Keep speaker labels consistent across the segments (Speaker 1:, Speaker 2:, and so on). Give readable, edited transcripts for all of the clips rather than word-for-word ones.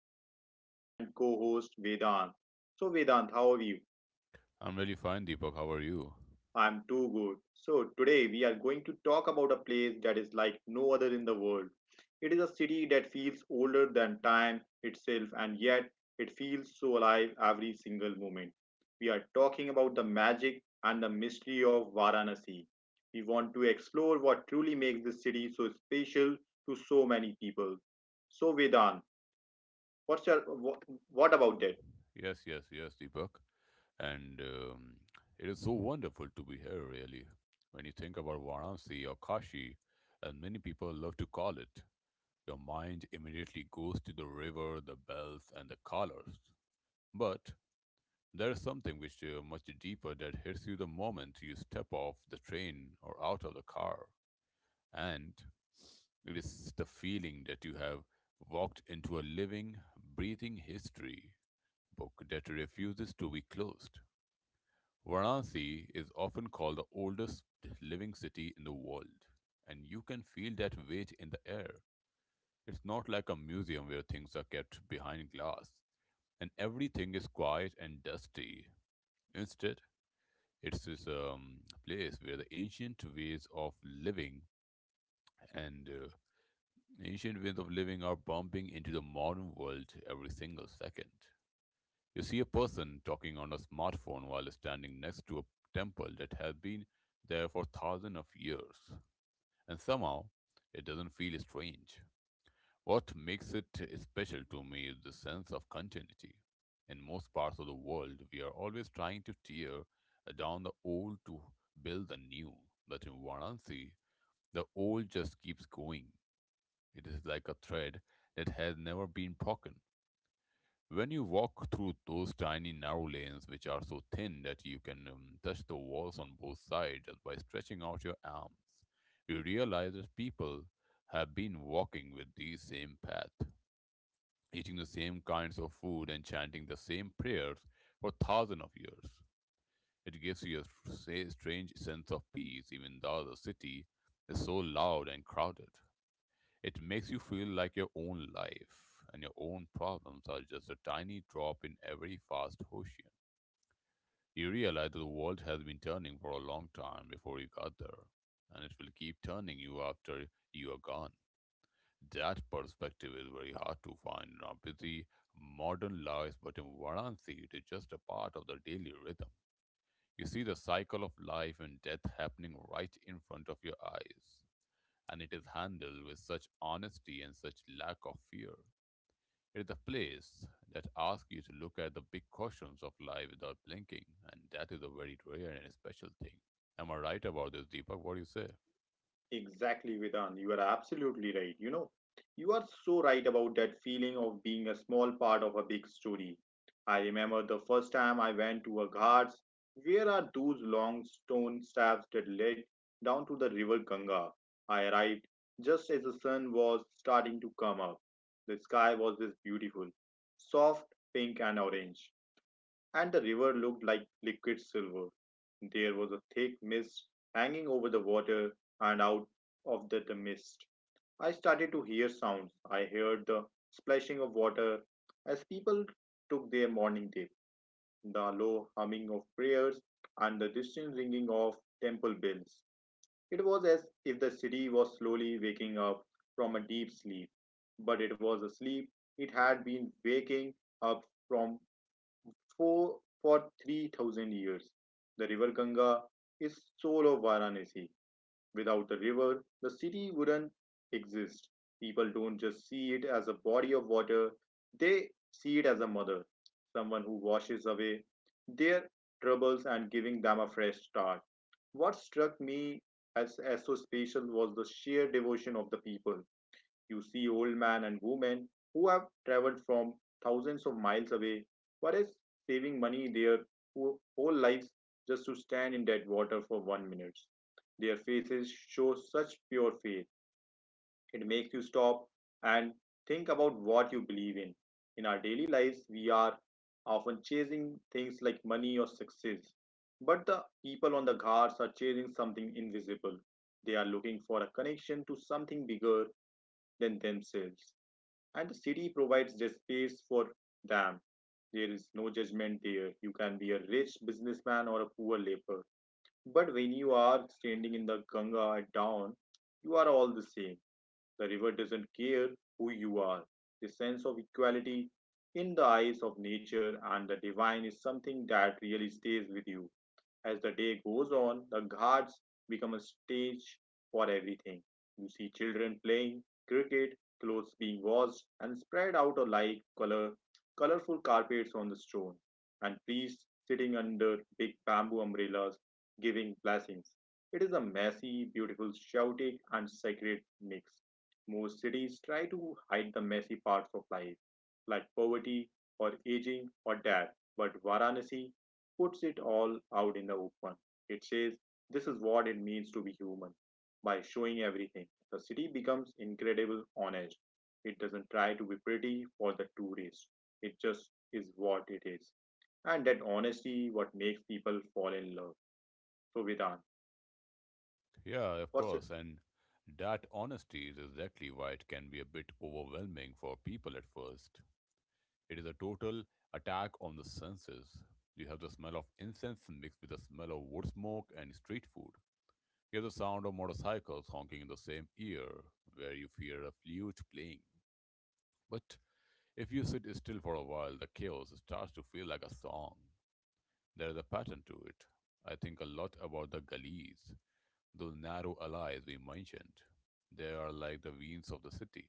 Speaker 1: my good friend and co host, Vedant. So, Vedant, how are you?
Speaker 2: I'm really fine, Deepak. How are you?
Speaker 1: I'm too good. So, today we are going to talk about a place that is like no other in the world. It is a city that feels older than time itself, and yet it feels so alive every single moment. We are talking about the magic and the mystery of Varanasi. We want to explore what truly makes this city so special to so many people. So, Vedan, what's your, what, what about that?
Speaker 2: Yes, yes, yes, Deepak. And It is so wonderful to be here, really. When you think about Varanasi or Kashi, as many people love to call it, your mind immediately goes to the river, the bells, and the colors. But there is something which is much deeper that hits you the moment you step off the train or out of the car. And it is the feeling that you have walked into a living, breathing history book that refuses to be closed. Varanasi is often called the oldest living city in the world, and you can feel that weight in the air. It's not like a museum where things are kept behind glass and everything is quiet and dusty. Instead, it's this place where the ancient ways of living and ancient ways of living are bumping into the modern world every single second. You see a person talking on a smartphone while standing next to a temple that has been there for thousands of years, and somehow it doesn't feel strange. What makes it special to me is the sense of continuity. In most parts of the world, we are always trying to tear down the old to build the new, but in Varanasi, the old just keeps going. It is like a thread that has never been broken. When you walk through those tiny narrow lanes, which are so thin that you can touch the walls on both sides just by stretching out your arms, you realize that people have been walking with the same path, eating the same kinds of food, and chanting the same prayers for thousands of years. It gives you a strange sense of peace, even though the city is so loud and crowded. It makes you feel like your own life and your own problems are just a tiny drop in every vast ocean. You realize that the world has been turning for a long time before you got there, and it will keep turning you after you are gone. That perspective is very hard to find in our busy modern lives, but in Varanasi, it is just a part of the daily rhythm. You see the cycle of life and death happening right in front of your eyes, and it is handled with such honesty and such lack of fear. It's a place that asks you to look at the big questions of life without blinking, and that is a very rare and special thing. Am I right about this, Deepak? What do you say?
Speaker 1: Exactly, Vedant. You are absolutely right. You know, you are so right about that feeling of being a small part of a big story. I remember the first time I went to a ghats. Where are those long stone steps that led down to the river Ganga? I arrived just as the sun was starting to come up. The sky was this beautiful, soft pink and orange, and the river looked like liquid silver. There was a thick mist hanging over the water, and out of the mist, I started to hear sounds. I heard the splashing of water as people took their morning dip, the low humming of prayers, and the distant ringing of temple bells. It was as if the city was slowly waking up from a deep sleep, but it was a sleep it had been waking up from for, for 3000 years. The river Ganga is soul of Varanasi. Without the river, the city wouldn't exist. People don't just see it as a body of water, they see it as a mother, someone who washes away their troubles and giving them a fresh start. What struck me as so special was the sheer devotion of the people. You see old men and women who have traveled from thousands of miles away, whereas saving money their whole lives just to stand in that water for 1 minute. Their faces show such pure faith. It makes you stop and think about what you believe in. In our daily lives, we are often chasing things like money or success. But the people on the ghats are chasing something invisible. They are looking for a connection to something bigger than themselves, and the city provides the space for them. There is no judgment there. You can be a rich businessman or a poor laborer. But when you are standing in the Ganga at dawn, you are all the same. The river doesn't care who you are. The sense of equality in the eyes of nature and the divine is something that really stays with you. As the day goes on, the ghats become a stage for everything. You see children playing cricket, clothes being washed and spread out alike, colorful carpets on the stone, and priests sitting under big bamboo umbrellas giving blessings. It is a messy, beautiful, chaotic, and sacred mix. Most cities try to hide the messy parts of life, like poverty or aging or death, but Varanasi puts it all out in the open. It says, this is what it means to be human. By showing everything, the city becomes incredible honest. It doesn't try to be pretty for the tourists. It just is what it is. And that honesty what makes people fall in love. So Vedant,
Speaker 2: Yeah, of
Speaker 1: what's it?
Speaker 2: course, and that honesty is exactly why it can be a bit overwhelming for people at first. It is a total attack on the senses. You have the smell of incense mixed with the smell of wood smoke and street food. You have the sound of motorcycles honking in the same ear, where you fear a flute playing. But if you sit still for a while, the chaos starts to feel like a song. There is a pattern to it. I think a lot about the gullies, those narrow alleys we mentioned. They are like the veins of the city.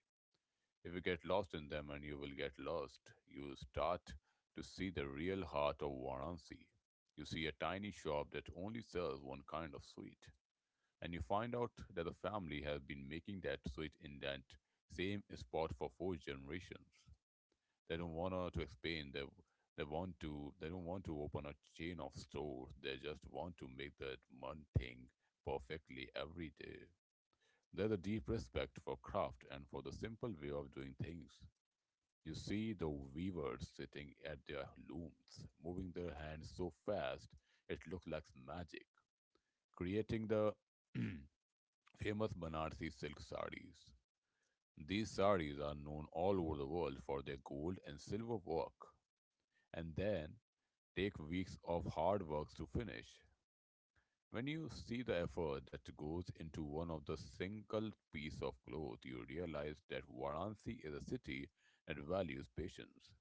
Speaker 2: If you get lost in them, and you will get lost, you start to see the real heart of Varanasi. You see a tiny shop that only sells one kind of sweet, and you find out that the family has been making that sweet in that same spot for four generations. They don't want to expand. They want to they Don't want to open a chain of stores. They just want to make that one thing perfectly every day. There's a deep respect for craft and for the simple way of doing things. You see the weavers sitting at their looms, moving their hands so fast it looks like magic, creating the famous Banarsi silk sarees. These sarees are known all over the world for their gold and silver work. And then take weeks of hard work to finish. When you see the effort that goes into one of the single piece of cloth, you realize that Varanasi is a city that values patience.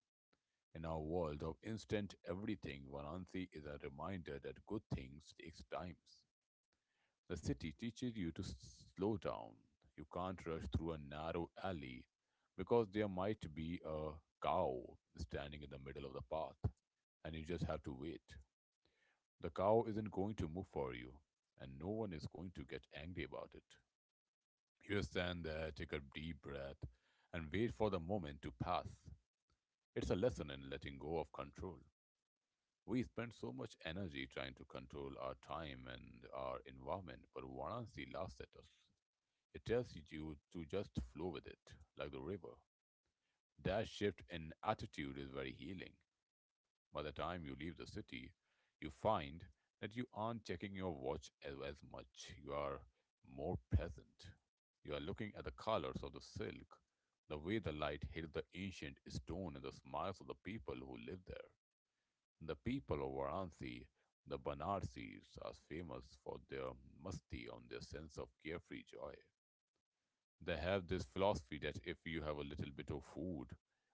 Speaker 2: In our world of instant everything, Varanasi is a reminder that good things takes time. The city teaches you to slow down. You can't rush through a narrow alley because there might be a cow standing in the middle of the path and you just have to wait. The cow isn't going to move for you, and no one is going to get angry about it. You stand there, take a deep breath, and wait for the moment to pass. It's a lesson in letting go of control. We spend so much energy trying to control our time and our environment, but Varanasi laughs at us. It tells you to just flow with it, like the river. That shift in attitude is very healing. By the time you leave the city, you find that you aren't checking your watch as much. You are more present. You are looking at the colors of the silk, the way the light hit the ancient stone, and the smiles of the people who live there. The people of Varanasi, the Banarsis, are famous for their musti on their sense of carefree joy. They have this philosophy that if you have a little bit of food,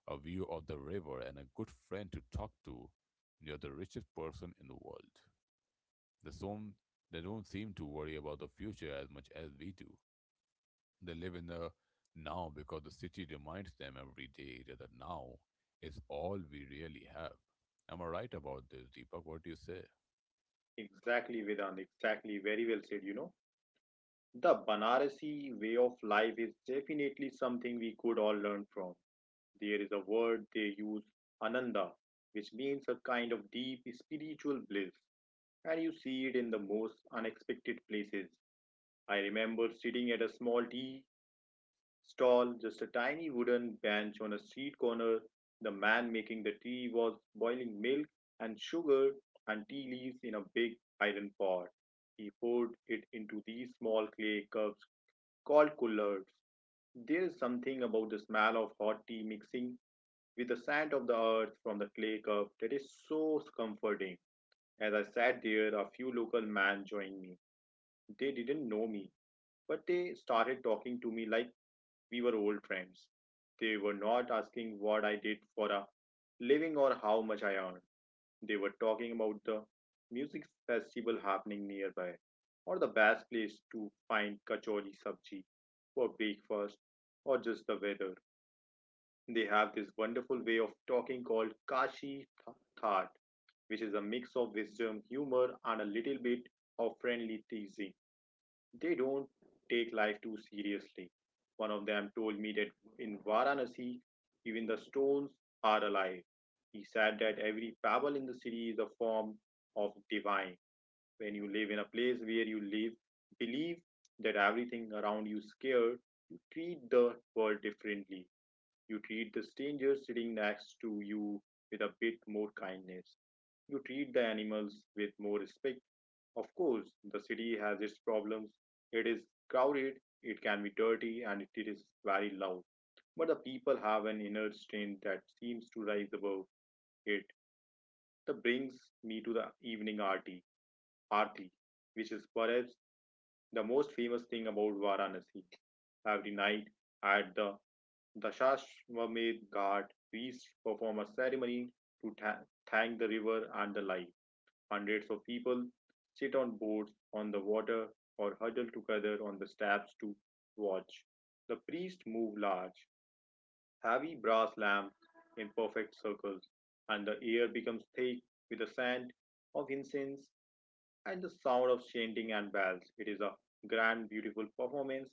Speaker 2: a view of the river, and a good friend to talk to, you're the richest person in the world. They don't, they don't seem to worry about the future as much as we do. They live in the now because the city reminds them every day that the now is all we really have. Am I right about this, Deepak? What do you say?
Speaker 1: Exactly, Vedant. Exactly. Very well said, The Banarasi way of life is definitely something we could all learn from. There is a word they use, ananda, which means a kind of deep spiritual bliss, and you see it in the most unexpected places. I remember sitting at a small tea stall, just a tiny wooden bench on a street corner. The man making the tea was boiling milk and sugar and tea leaves in a big iron pot. He poured it into these small clay cups called kullards. There is something about the smell of hot tea mixing with the sand of the earth from the clay cup that is so comforting. As I sat there, a few local men joined me. They didn't know me, but they started talking to me like we were old friends. They were not asking what I did for a living or how much I earned. They were talking about the music festival happening nearby or the best place to find kachori sabji for breakfast or just the weather. They have this wonderful way of talking called Kashi Thaat, which is a mix of wisdom, humor, and a little bit of friendly teasing. They don't take life too seriously. One of them told me that in Varanasi, even the stones are alive. He said that every pebble in the city is a form of divine. When you live in a place where you live, believe that everything around you is scared, you treat the world differently. You treat the stranger sitting next to you with a bit more kindness. You treat the animals with more respect. Of course, the city has its problems. It is crowded, it can be dirty, and it is very loud. But the people have an inner strength that seems to rise above it. That brings me to the evening arti, arti, which is perhaps the most famous thing about Varanasi. Every night at the Shashwamedh Ghat priests perform a ceremony to thank the river and the life. Hundreds of people sit on boats on the water or huddle together on the steps to watch. The priests move large, heavy brass lamps in perfect circles, and the air becomes thick with the scent of incense and the sound of chanting and bells. It is a grand, beautiful performance,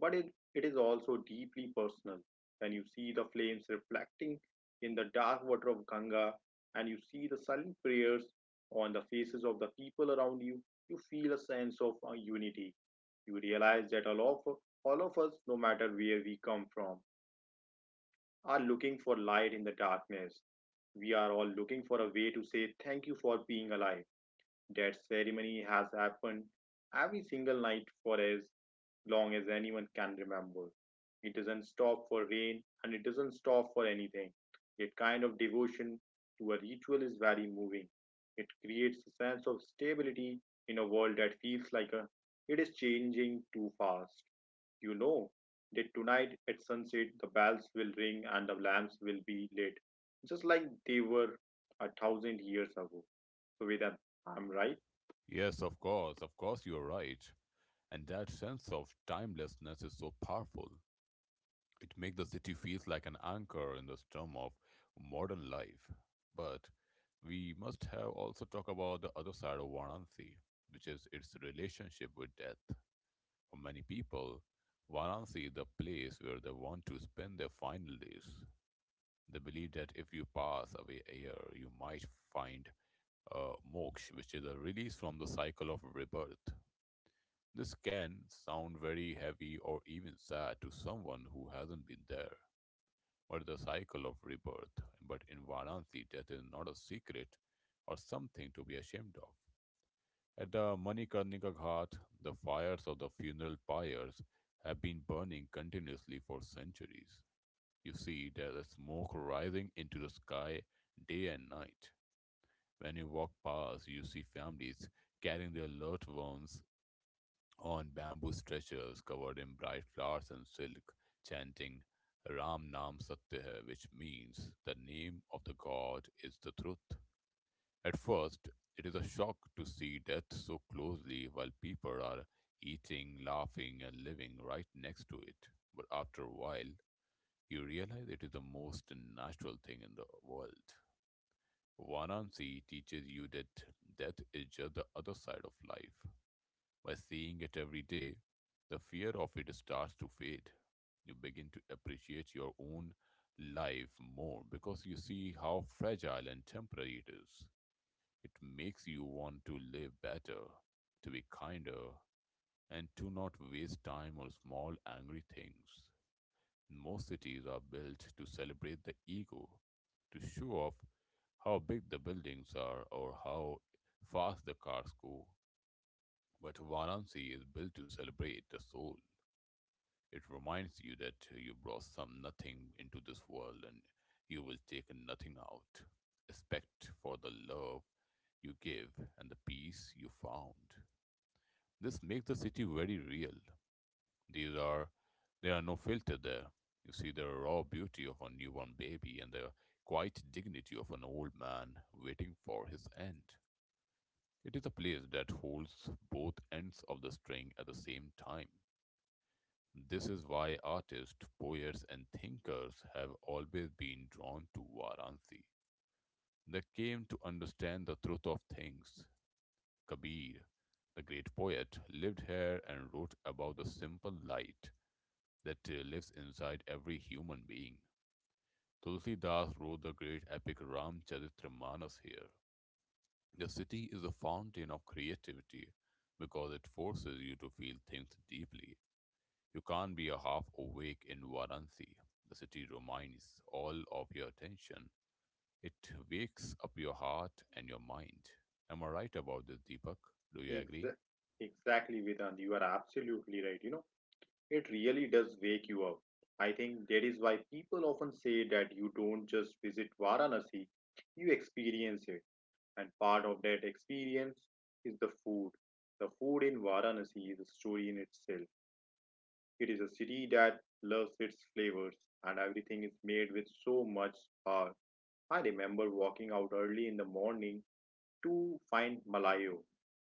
Speaker 1: but it is also deeply personal. When you see the flames reflecting in the dark water of Ganga and you see the silent prayers on the faces of the people around you, you feel a sense of unity. You realize that all of us, no matter where we come from, are looking for light in the darkness. We are all looking for a way to say thank you for being alive. That ceremony has happened every single night for as long as anyone can remember. It doesn't stop for rain and it doesn't stop for anything. That kind of devotion to a ritual is very moving. It creates a sense of stability in a world that feels like it is changing too fast. You know that tonight at sunset the bells will ring and the lamps will be lit, just like they were a thousand years ago. So, Vedant, I'm right.
Speaker 2: Yes, of course, you're right. And that sense of timelessness is so powerful. It makes the city feels like an anchor in the storm of modern life. But we must have also talk about the other side of Varanasi, which is its relationship with death. For many people, Varanasi is the place where they want to spend their final days. They believe that if you pass away here, you might find moksha, which is a release from the cycle of rebirth. This can sound very heavy or even sad to someone who hasn't been there or the cycle of rebirth. But in Varanasi, death is not a secret or something to be ashamed of. At the Manikarnika Ghat, the fires of the funeral pyres have been burning continuously for centuries. You see, there is smoke rising into the sky day and night. When you walk past, you see families carrying their loved ones on bamboo stretchers covered in bright flowers and silk, chanting Ram Nam Satya Hai, which means the name of the God is the truth. At first, it is a shock to see death so closely while people are eating, laughing, and living right next to it. But after a while, you realize it is the most natural thing in the world. Varanasi teaches you that death is just the other side of life. By seeing it every day, the fear of it starts to fade. You begin to appreciate your own life more because you see how fragile and temporary it is. It makes you want to live better, to be kinder, and to not waste time on small angry things. Most cities are built to celebrate the ego, to show off how big the buildings are or how fast the cars go. But Varanasi is built to celebrate the soul. It reminds you that you brought some nothing into this world and you will take nothing out. Respect for the love you give and the peace you found. This makes the city very real. These are there are no filter there. You see the raw beauty of a newborn baby and the quiet dignity of an old man waiting for his end. It is a place that holds both ends of the string at the same time. This is why artists, poets, and thinkers have always been drawn to Varanasi. They came to understand the truth of things. Kabir, the great poet, lived here and wrote about the simple light that lives inside every human being. Tulsidas wrote the great epic Ramcharitramanas here. The city is a fountain of creativity because it forces you to feel things deeply. You can't be a half awake in Varanasi. The city reminds all of your attention. It wakes up your heart and your mind. Am I right about this, Deepak? Do you agree?
Speaker 1: Exa- Exactly, Vedant. You are absolutely right. You know, it really does wake you up. I think that is why people often say that you don't just visit Varanasi, you experience it. And part of that experience is the food. The food in Varanasi is a story in itself. It is a city that loves its flavors, and everything is made with so much heart. I remember walking out early in the morning to find malayo,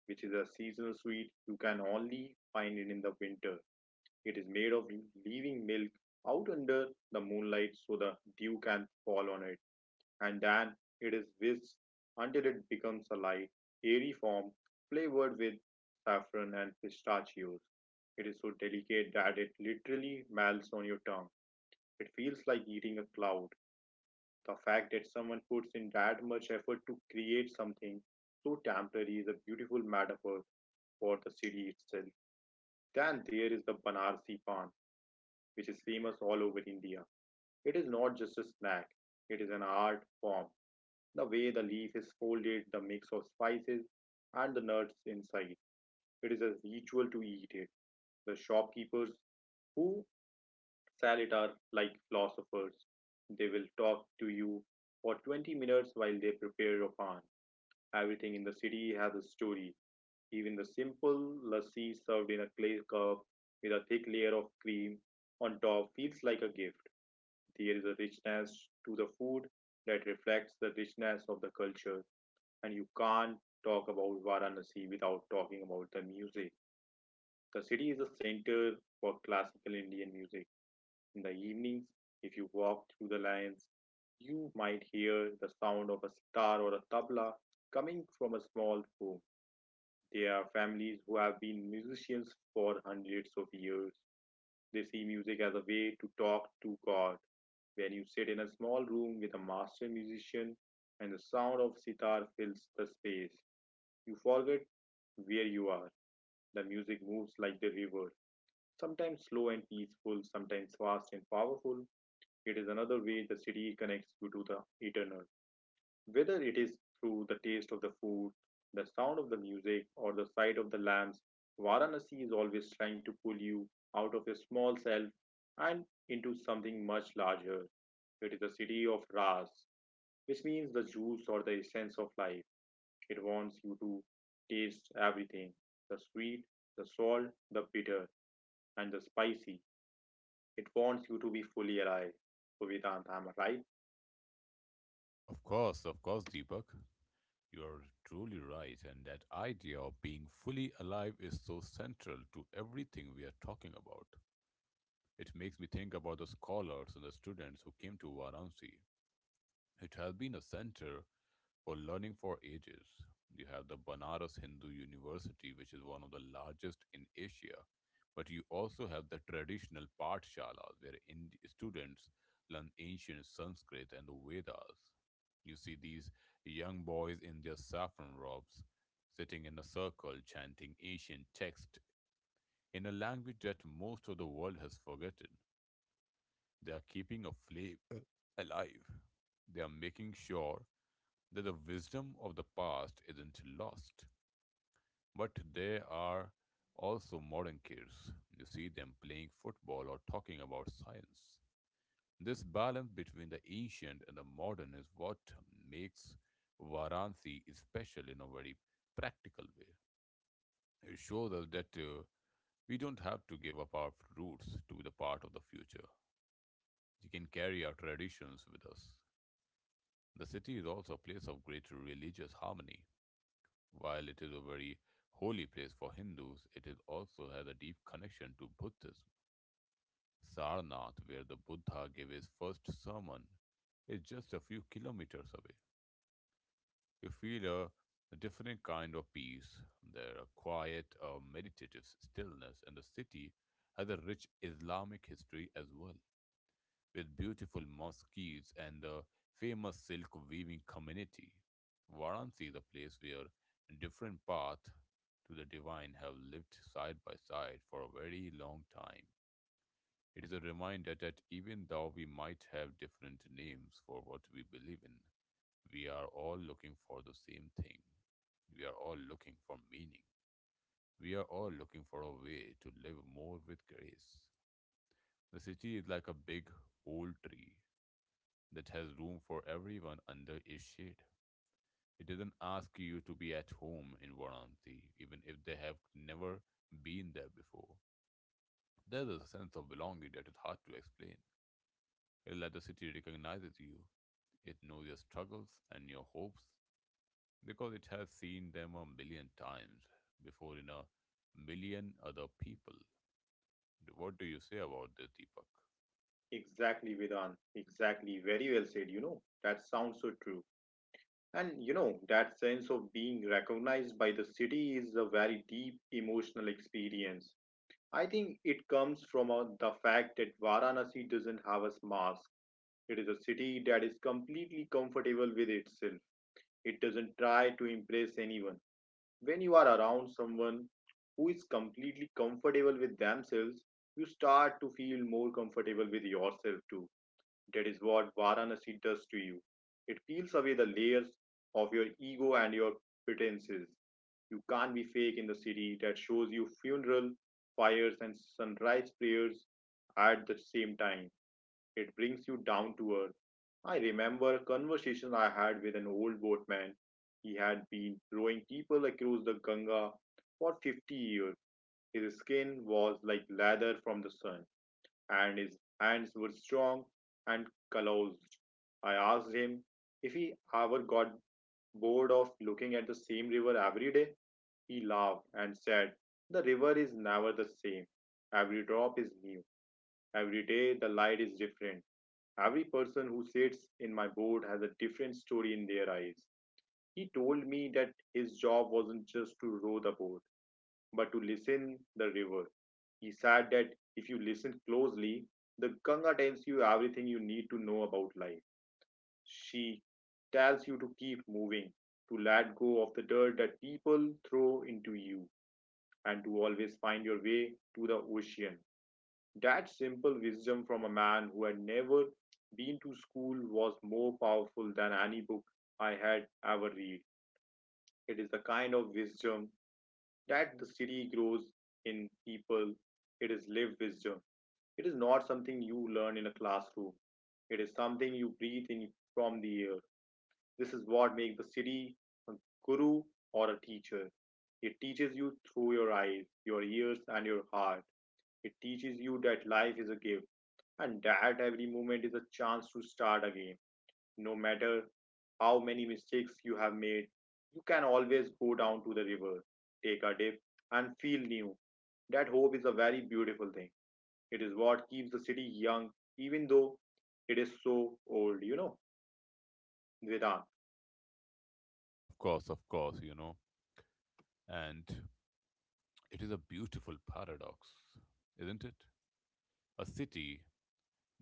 Speaker 1: which is a seasonal sweet. You can only find it in the winter. It is made of leaving milk out under the moonlight so the dew can fall on it, and then it is whisked until it becomes a light, airy form flavored with saffron and pistachios. It is so delicate that it literally melts on your tongue. It feels like eating a cloud. The fact that someone puts in that much effort to create something so temporary is a beautiful metaphor for the city itself. Then there is the Banarsi Pan, which is famous all over India. It is not just a snack, it is an art form. The way the leaf is folded, the mix of spices, and the nuts inside. It is a ritual to eat it. The shopkeepers who sell it are like philosophers. They will talk to you for 20 minutes while they prepare your pan. Everything in the city has a story. Even the simple lassi served in a clay cup with a thick layer of cream on top feels like a gift. There is a richness to the food that reflects the richness of the culture, and you can't talk about Varanasi without talking about the music. The city is a center for classical Indian music. In the evenings, if you walk through the lanes, you might hear the sound of a sitar or a tabla coming from a small room. They are families who have been musicians for hundreds of years. They see music as a way to talk to God. When you sit in a small room with a master musician and the sound of sitar fills the space, you forget where you are. The music moves like the river, sometimes slow and peaceful, sometimes fast and powerful. It is another way the city connects you to the eternal. Whether it is through the taste of the food, the sound of the music, or the sight of the lamps, Varanasi is always trying to pull you out of your small self and into something much larger. It is the city of Ras, which means the juice or the essence of life. It wants you to taste everything: the sweet, the salt, the bitter, and the spicy. It wants you to be fully alive. So, Vedant, am I right?
Speaker 2: Of course, Deepak. You are truly right, and that idea of being fully alive is so central to everything we are talking about. It makes me think about the scholars and the students who came to Varanasi. It has been a center for learning for ages. You have the Banaras Hindu University, which is one of the largest in Asia, but you also have the traditional Pathshalas, where students learn ancient Sanskrit and the Vedas. You see these young boys in their saffron robes, sitting in a circle chanting ancient text in a language that most of the world has forgotten. They are keeping a flame alive. They are making sure that the wisdom of the past isn't lost, but there are also modern kids. You see them playing football or talking about science. This balance between the ancient and the modern is what makes Varanasi special in a very practical way. It shows us that we don't have to give up our roots to the part of the future. We can carry our traditions with us. The city is also a place of great religious harmony. While it is a very holy place for Hindus, it is also has a deep connection to Buddhism. Sarnath, where the Buddha gave his first sermon, is just a few kilometers away. You feel a different kind of peace. There a quiet, a meditative stillness, and the city has a rich Islamic history as well with beautiful mosques and the famous silk weaving community. Varanasi is a place where different paths to the divine have lived side by side for a very long time. It is a reminder that even though we might have different names for what we believe in, we are all looking for the same thing. We are all looking for meaning. We are all looking for a way to live more with grace. The city is like a big old tree that has room for everyone under its shade. It doesn't ask you to be at home in Varanasi, even if they have never been there before. There's a sense of belonging that is hard to explain. It let the city recognizes you. It knows your struggles and your hopes because it has seen them a million times before in a million other people. What do you say about this, Deepak?
Speaker 1: Exactly, Vedant. Exactly. Very well said. You know, that sounds so true. And that sense of being recognized by the city is a very deep emotional experience. I think it comes from the fact that Varanasi doesn't have a mask. It is a city that is completely comfortable with itself. It doesn't try to impress anyone. When you are around someone who is completely comfortable with themselves, you start to feel more comfortable with yourself too. That is what Varanasi does to you. It peels away the layers of your ego and your pretenses. You can't be fake in the city that shows you funeral fires and sunrise prayers at the same time. It brings you down to earth. I remember a conversation I had with an old boatman. He had been rowing people across the Ganga for 50 years. His skin was like leather from the sun and his hands were strong and calloused. I asked him if he ever got bored of looking at the same river every day. He laughed and said, "The river is never the same. Every drop is new. Every day the light is different. Every person who sits in my boat has a different story in their eyes." He told me that his job wasn't just to row the boat, but to listen the river. He said that if you listen closely, the Ganga tells you everything you need to know about life. She tells you to keep moving, to let go of the dirt that people throw into you, and to always find your way to the ocean. That simple wisdom from a man who had never been to school was more powerful than any book I had ever read. It is the kind of wisdom that the city grows in people. It is lived wisdom. It is not something you learn in a classroom. It is something you breathe in from the air. This is what makes the city a guru or a teacher. It teaches you through your eyes, your ears, and your heart. It teaches you that life is a gift and that every moment is a chance to start again, no matter how many mistakes you have made. You can always go down to the river, take a dip, and feel new. That hope is a very beautiful thing. It is what keeps the city young, even though it is so old. Vedant,
Speaker 2: Of course, you know. And it is a beautiful paradox, isn't it? A city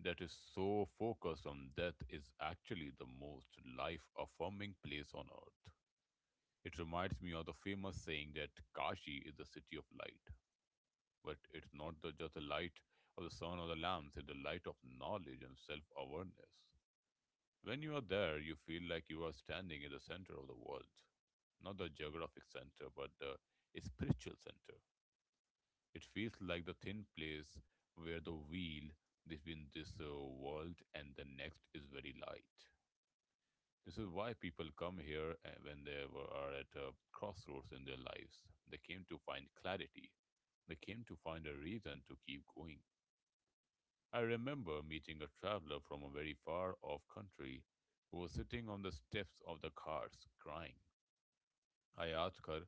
Speaker 2: that is so focused on death is actually the most life affirming place on earth. It reminds me of the famous saying that Kashi is the city of light. But it's not the, just the light of the sun or the lamps, it's the light of knowledge and self awareness. When you are there, you feel like you are standing in the center of the world. Not the geographic center, but the spiritual center. It feels like the thin place where the wheel between this world and the next is very light. This is why people come here when are at a crossroads in their lives. They came to find clarity. They came to find a reason to keep going. I remember meeting a traveler from a very far off country who was sitting on the steps of the cars crying. I asked her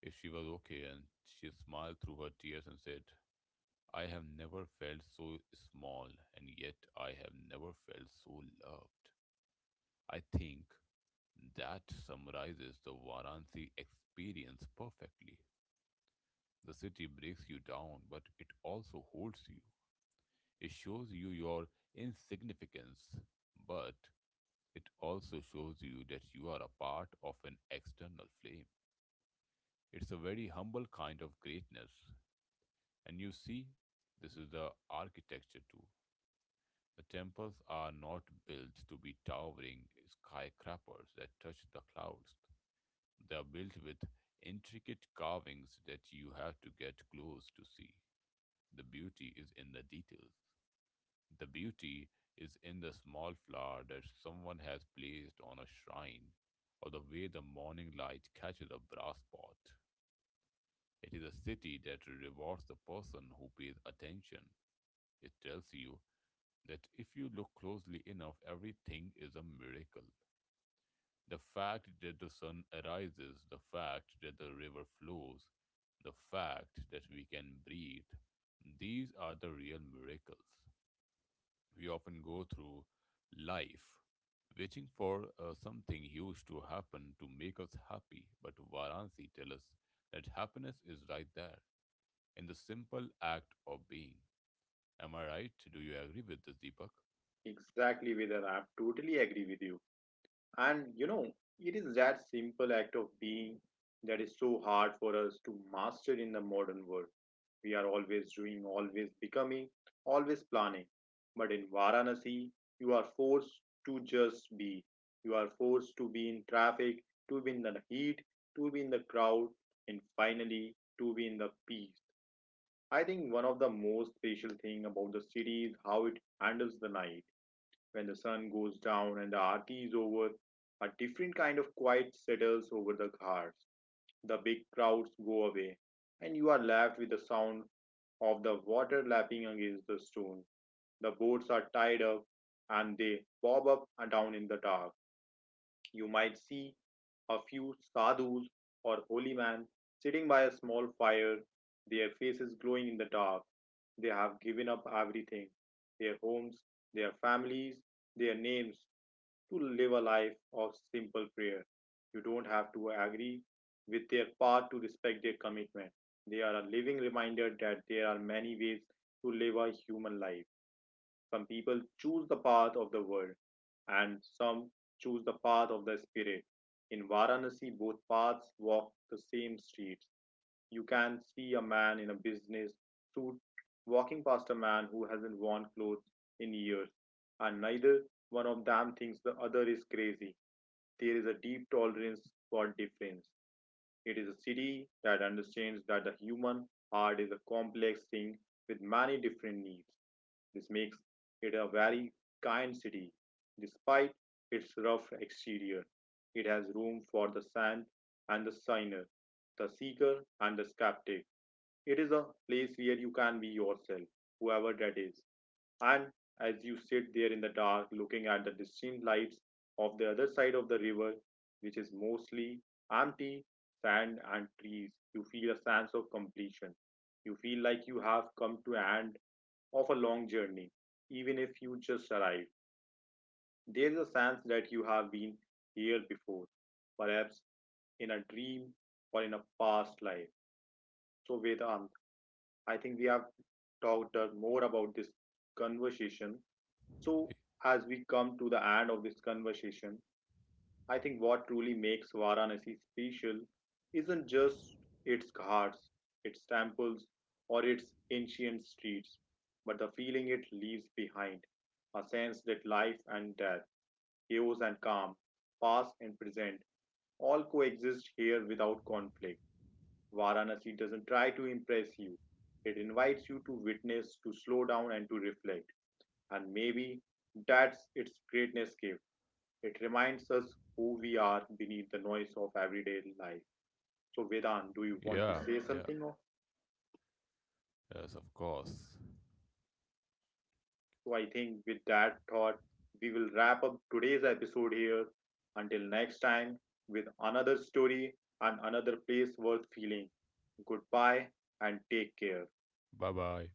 Speaker 2: if she was okay, and she smiled through her tears and said, I have never felt so small, and yet I have never felt so loved. I think that summarizes the Varanasi experience perfectly. The city breaks you down, but it also holds you. It shows you your insignificance, but it also shows you that you are a part of an external flame. It's a very humble kind of greatness, and you see, this is the architecture too. The temples are not built to be towering skyscrapers that touch the clouds. They are built with intricate carvings that you have to get close to see. The beauty is in the details. The beauty is in the small flower that someone has placed on a shrine, or the way the morning light catches a brass pot. It is a city that rewards the person who pays attention. It tells you that if you look closely enough, everything is a miracle. The fact that the sun arises, the fact that the river flows, the fact that we can breathe, these are the real miracles. We often go through life waiting for something huge to happen to make us happy, but Varanasi tells us that happiness is right there in the simple act of being. Am I right? Do you agree with this, Deepak?
Speaker 1: exactly, Vedant. I totally agree with you. And, you know, it is that simple act of being that is so hard for us to master in the modern world. We are always doing, always becoming, always planning. But in Varanasi, you are forced to just be. You are forced to be in traffic, to be in the heat, to be in the crowd, and finally to be in the peace. I think one of the most special thing about the city is how it handles the night. When the sun goes down and the aarti is over, a different kind of quiet settles over the ghats. The big crowds go away, and you are left with the sound of the water lapping against the stone. The boats are tied up and they bob up and down in the dark. You might see a few sadhus or holy men sitting by a small fire, their faces glowing in the dark. They have given up everything: their homes, their families, their names, to live a life of simple prayer. You don't have to agree with their path to respect their commitment. They are a living reminder that there are many ways to live a human life. Some people choose the path of the world, and some choose the path of the spirit. In Varanasi, both paths walk the same streets. You can see a man in a business suit walking past a man who hasn't worn clothes in years, and neither one of them thinks the other is crazy. There is a deep tolerance for difference. It is a city that understands that the human heart is a complex thing with many different needs. This makes it a very kind city. Despite its rough exterior, it has room for the saint and the sinner, the seeker and the skeptic. It is a place where you can be yourself, whoever that is. And as you sit there in the dark, looking at the distant lights of the other side of the river, which is mostly empty sand and trees, you feel a sense of completion. You feel like you have come to an end of a long journey, even if you just arrived. There is a sense that you have been here before, perhaps in a dream or in a past life. So, Vedant, I think we have talked more about this conversation. So, as we come to the end of this conversation, I think what truly makes Varanasi special isn't just its ghats, its temples, or its ancient streets, but the feeling it leaves behind a sense that life and death, chaos and calm, past and present, all coexist here without conflict. Varanasi doesn't try to impress you, it invites you to witness, to slow down, and to reflect. And maybe that's its greatness gift. It reminds us who we are beneath the noise of everyday life. So, Vedant, do you want to
Speaker 2: Yeah,
Speaker 1: say
Speaker 2: yeah.
Speaker 1: something?
Speaker 2: Yes, of course.
Speaker 1: So, I think with that thought, we will wrap up today's episode here. Until next time, with another story and another place worth feeling. Goodbye and take care.
Speaker 2: Bye bye.